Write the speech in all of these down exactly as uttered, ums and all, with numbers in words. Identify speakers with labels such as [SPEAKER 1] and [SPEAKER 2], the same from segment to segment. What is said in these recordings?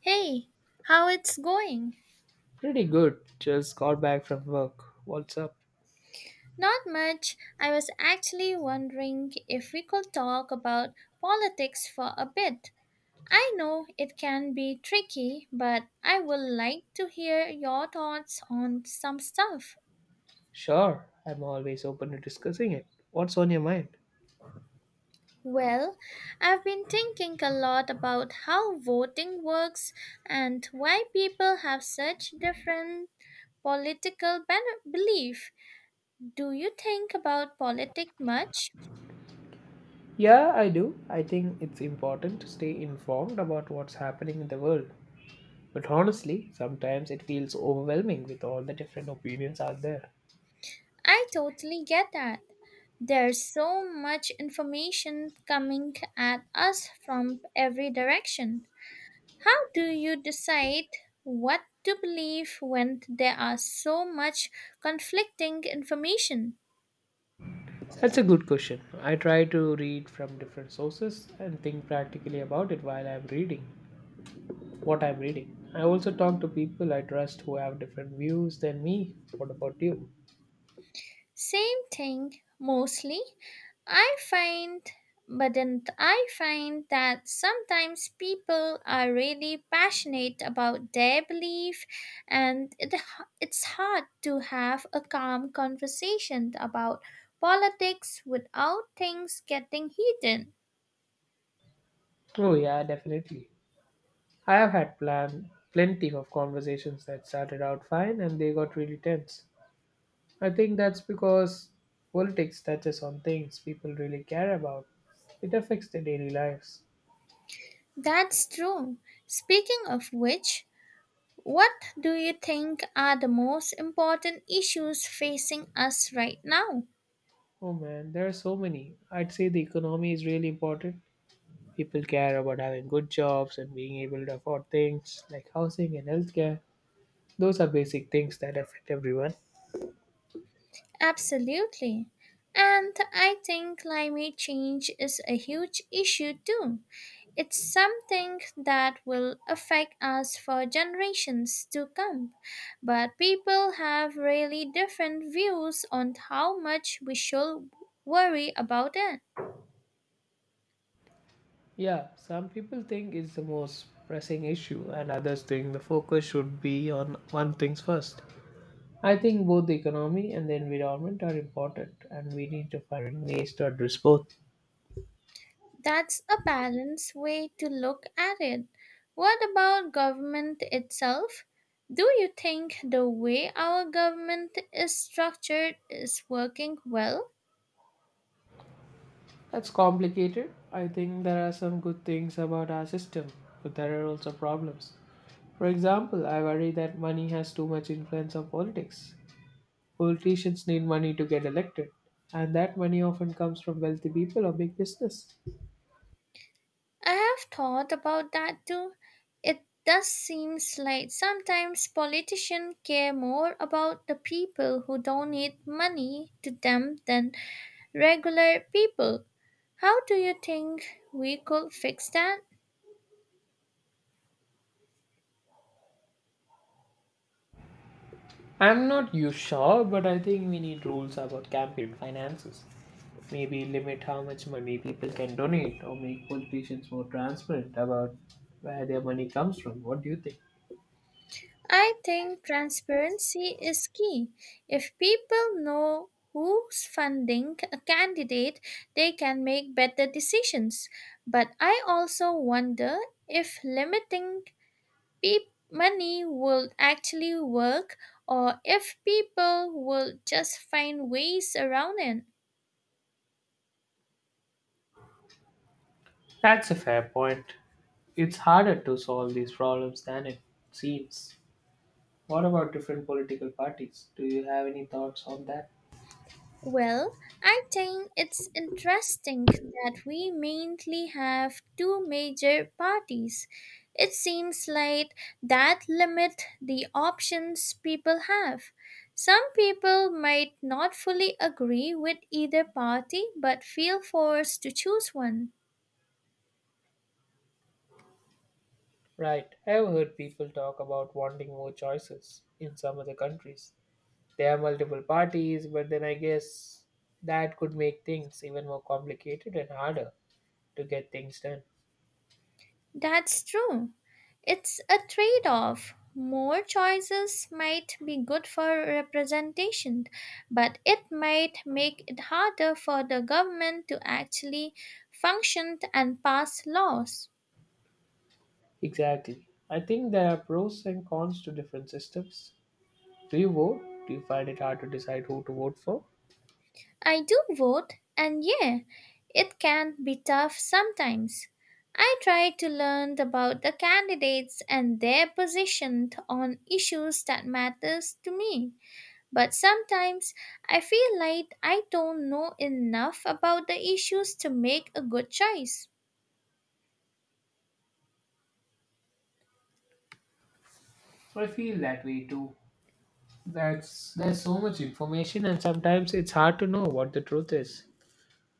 [SPEAKER 1] Hey, how it's going?
[SPEAKER 2] Pretty good. Just got back from work. What's up?
[SPEAKER 1] Not much. I was actually wondering if we could talk about politics for a bit. I know it can be tricky, but I would like to hear your thoughts on some stuff.
[SPEAKER 2] Sure, I'm always open to discussing it. What's on your mind?
[SPEAKER 1] Well, I've been thinking a lot about how voting works and why people have such different political ben- belief. Do you think about politics much?
[SPEAKER 2] Yeah, I do. I think it's important to stay informed about what's happening in the world. But honestly, sometimes it feels overwhelming with all the different opinions out there.
[SPEAKER 1] I totally get that. There's so much information coming at us from every direction. How do you decide what to believe when there are so much conflicting information?
[SPEAKER 2] That's a good question. I try to read from different sources and think practically about it while I'm reading what I'm reading. I also talk to people I trust who have different views than me. What about you?
[SPEAKER 1] Same thing mostly. I find, but then I find that sometimes people are really passionate about their belief, and it, it's hard to have a calm conversation about politics without things getting heated.
[SPEAKER 2] Oh, yeah, definitely. I have had plan plenty of conversations that started out fine and they got really tense. I think that's because politics touches on things people really care about. It affects their daily lives.
[SPEAKER 1] That's true. Speaking of which, what do you think are the most important issues facing us right now?
[SPEAKER 2] Oh man, there are so many. I'd say the economy is really important. People care about having good jobs and being able to afford things like housing and healthcare. Those are basic things that affect everyone.
[SPEAKER 1] Absolutely. And I think climate change is a huge issue too. It's something that will affect us for generations to come. But people have really different views on how much we should worry about it.
[SPEAKER 2] Yeah, some people think it's the most pressing issue, and others think the focus should be on one things first. I think both the economy and the environment are important, and we need to find ways to address both.
[SPEAKER 1] That's a balanced way to look at it. What about government itself? Do you think the way our government is structured is working well?
[SPEAKER 2] That's complicated. I think there are some good things about our system, but there are also problems. For example, I worry that money has too much influence on politics. Politicians need money to get elected, and that money often comes from wealthy people or big business.
[SPEAKER 1] I have thought about that too. It does seem like sometimes politicians care more about the people who donate money to them than regular people. How do you think we could fix that?
[SPEAKER 2] I'm not you sure, but I think we need rules about campaign finances. Maybe limit how much money people can donate or make politicians more transparent about where their money comes from. What do you think?
[SPEAKER 1] I think transparency is key. If people know who's funding a candidate, they can make better decisions. But I also wonder if limiting peop money will actually work or if people will just find ways around it.
[SPEAKER 2] That's a fair point. It's harder to solve these problems than it seems. What about different political parties? Do you have any thoughts on that?
[SPEAKER 1] Well, I think it's interesting that we mainly have two major parties. It seems like that limit the options people have. Some people might not fully agree with either party but feel forced to choose one.
[SPEAKER 2] Right. I've heard people talk about wanting more choices in some other countries. There are multiple parties, but then I guess that could make things even more complicated and harder to get things done.
[SPEAKER 1] That's true. It's a trade off. More choices might be good for representation, but it might make it harder for the government to actually function and pass laws.
[SPEAKER 2] Exactly. I think there are pros and cons to different systems. Do you vote? Do you find it hard to decide who to vote for?
[SPEAKER 1] I do vote, and yeah, it can be tough sometimes. I try to learn about the candidates and their position on issues that matters to me. But sometimes I feel like I don't know enough about the issues to make a good choice.
[SPEAKER 2] I feel that way too. That's There's so much information and sometimes it's hard to know what the truth is.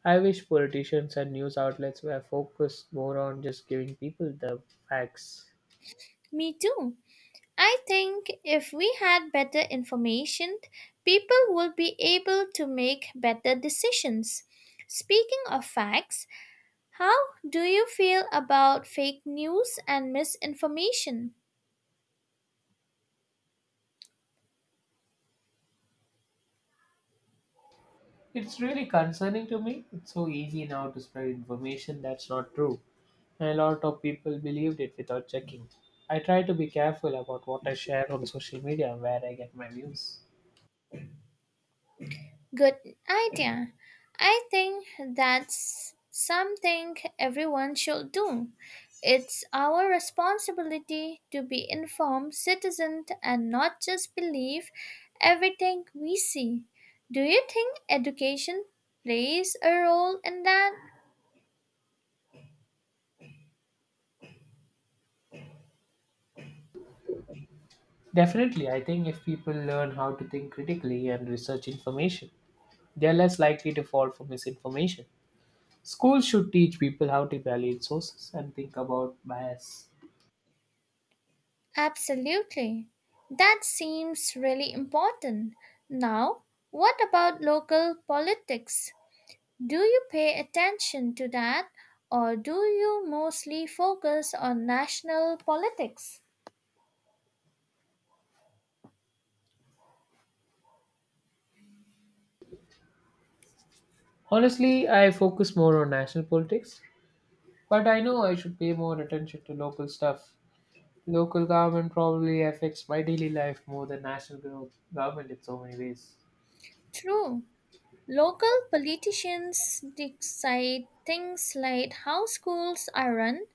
[SPEAKER 2] I wish politicians and news outlets were focused more on just giving people the facts.
[SPEAKER 1] Me too. I think if we had better information, people would be able to make better decisions. Speaking of facts, how do you feel about fake news and misinformation?
[SPEAKER 2] It's really concerning to me. It's so easy now to spread information that's not true. And a lot of people believed it without checking. I try to be careful about what I share on social media and where I get my views.
[SPEAKER 1] Good idea. I think that's something everyone should do. It's our responsibility to be informed citizens and not just believe everything we see. Do you think education plays a role in that?
[SPEAKER 2] Definitely, I think if people learn how to think critically and research information, they're less likely to fall for misinformation. Schools should teach people how to evaluate sources and think about bias.
[SPEAKER 1] Absolutely. That seems really important. Now, what about local politics? Do you pay attention to that, or do you mostly focus on national politics?
[SPEAKER 2] Honestly, I focus more on national politics, but I know I should pay more attention to local stuff. Local government probably affects my daily life more than national gov- government in so many ways.
[SPEAKER 1] True, local politicians decide things like how schools are run,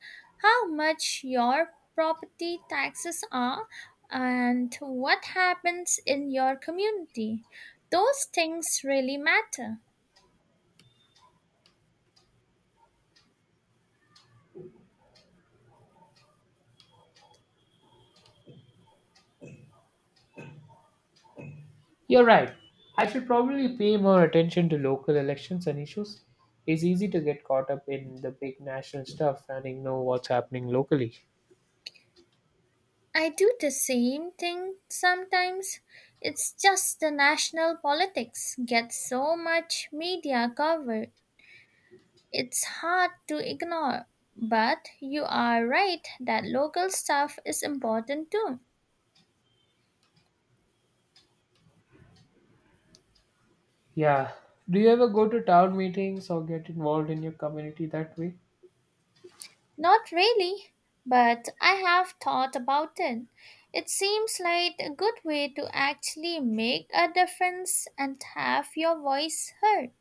[SPEAKER 1] how much your property taxes are, and what happens in your community. Those things really matter.
[SPEAKER 2] You're right. I should probably pay more attention to local elections and issues. It's easy to get caught up in the big national stuff and ignore what's happening locally.
[SPEAKER 1] I do the same thing sometimes. It's just the national politics get so much media cover. It's hard to ignore. But you are right that local stuff is important too.
[SPEAKER 2] Yeah. Do you ever go to town meetings or get involved in your community that way?
[SPEAKER 1] Not really, but I have thought about it. It seems like a good way to actually make a difference and have your voice heard.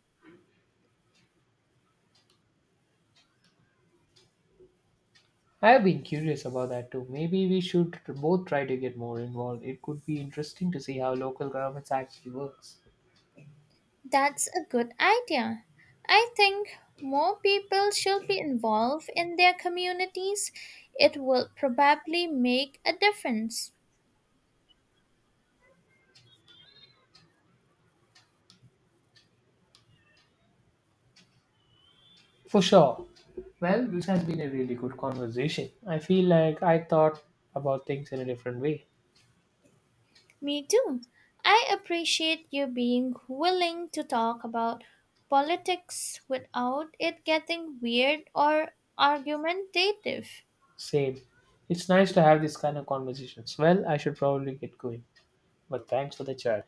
[SPEAKER 2] I have been curious about that too. Maybe we should both try to get more involved. It could be interesting to see how local governments actually works.
[SPEAKER 1] That's a good idea. I think more people should be involved in their communities. It will probably make a difference.
[SPEAKER 2] For sure. Well, this has been a really good conversation. I feel like I thought about things in a different way.
[SPEAKER 1] Me too. I appreciate you being willing to talk about politics without it getting weird or argumentative.
[SPEAKER 2] Same. It's nice to have this kind of conversations. Well, I should probably get going. But thanks for the chat.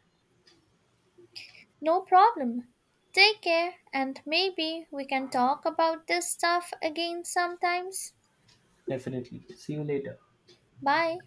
[SPEAKER 1] No problem. Take care, and maybe we can talk about this stuff again sometimes.
[SPEAKER 2] Definitely. See you later.
[SPEAKER 1] Bye.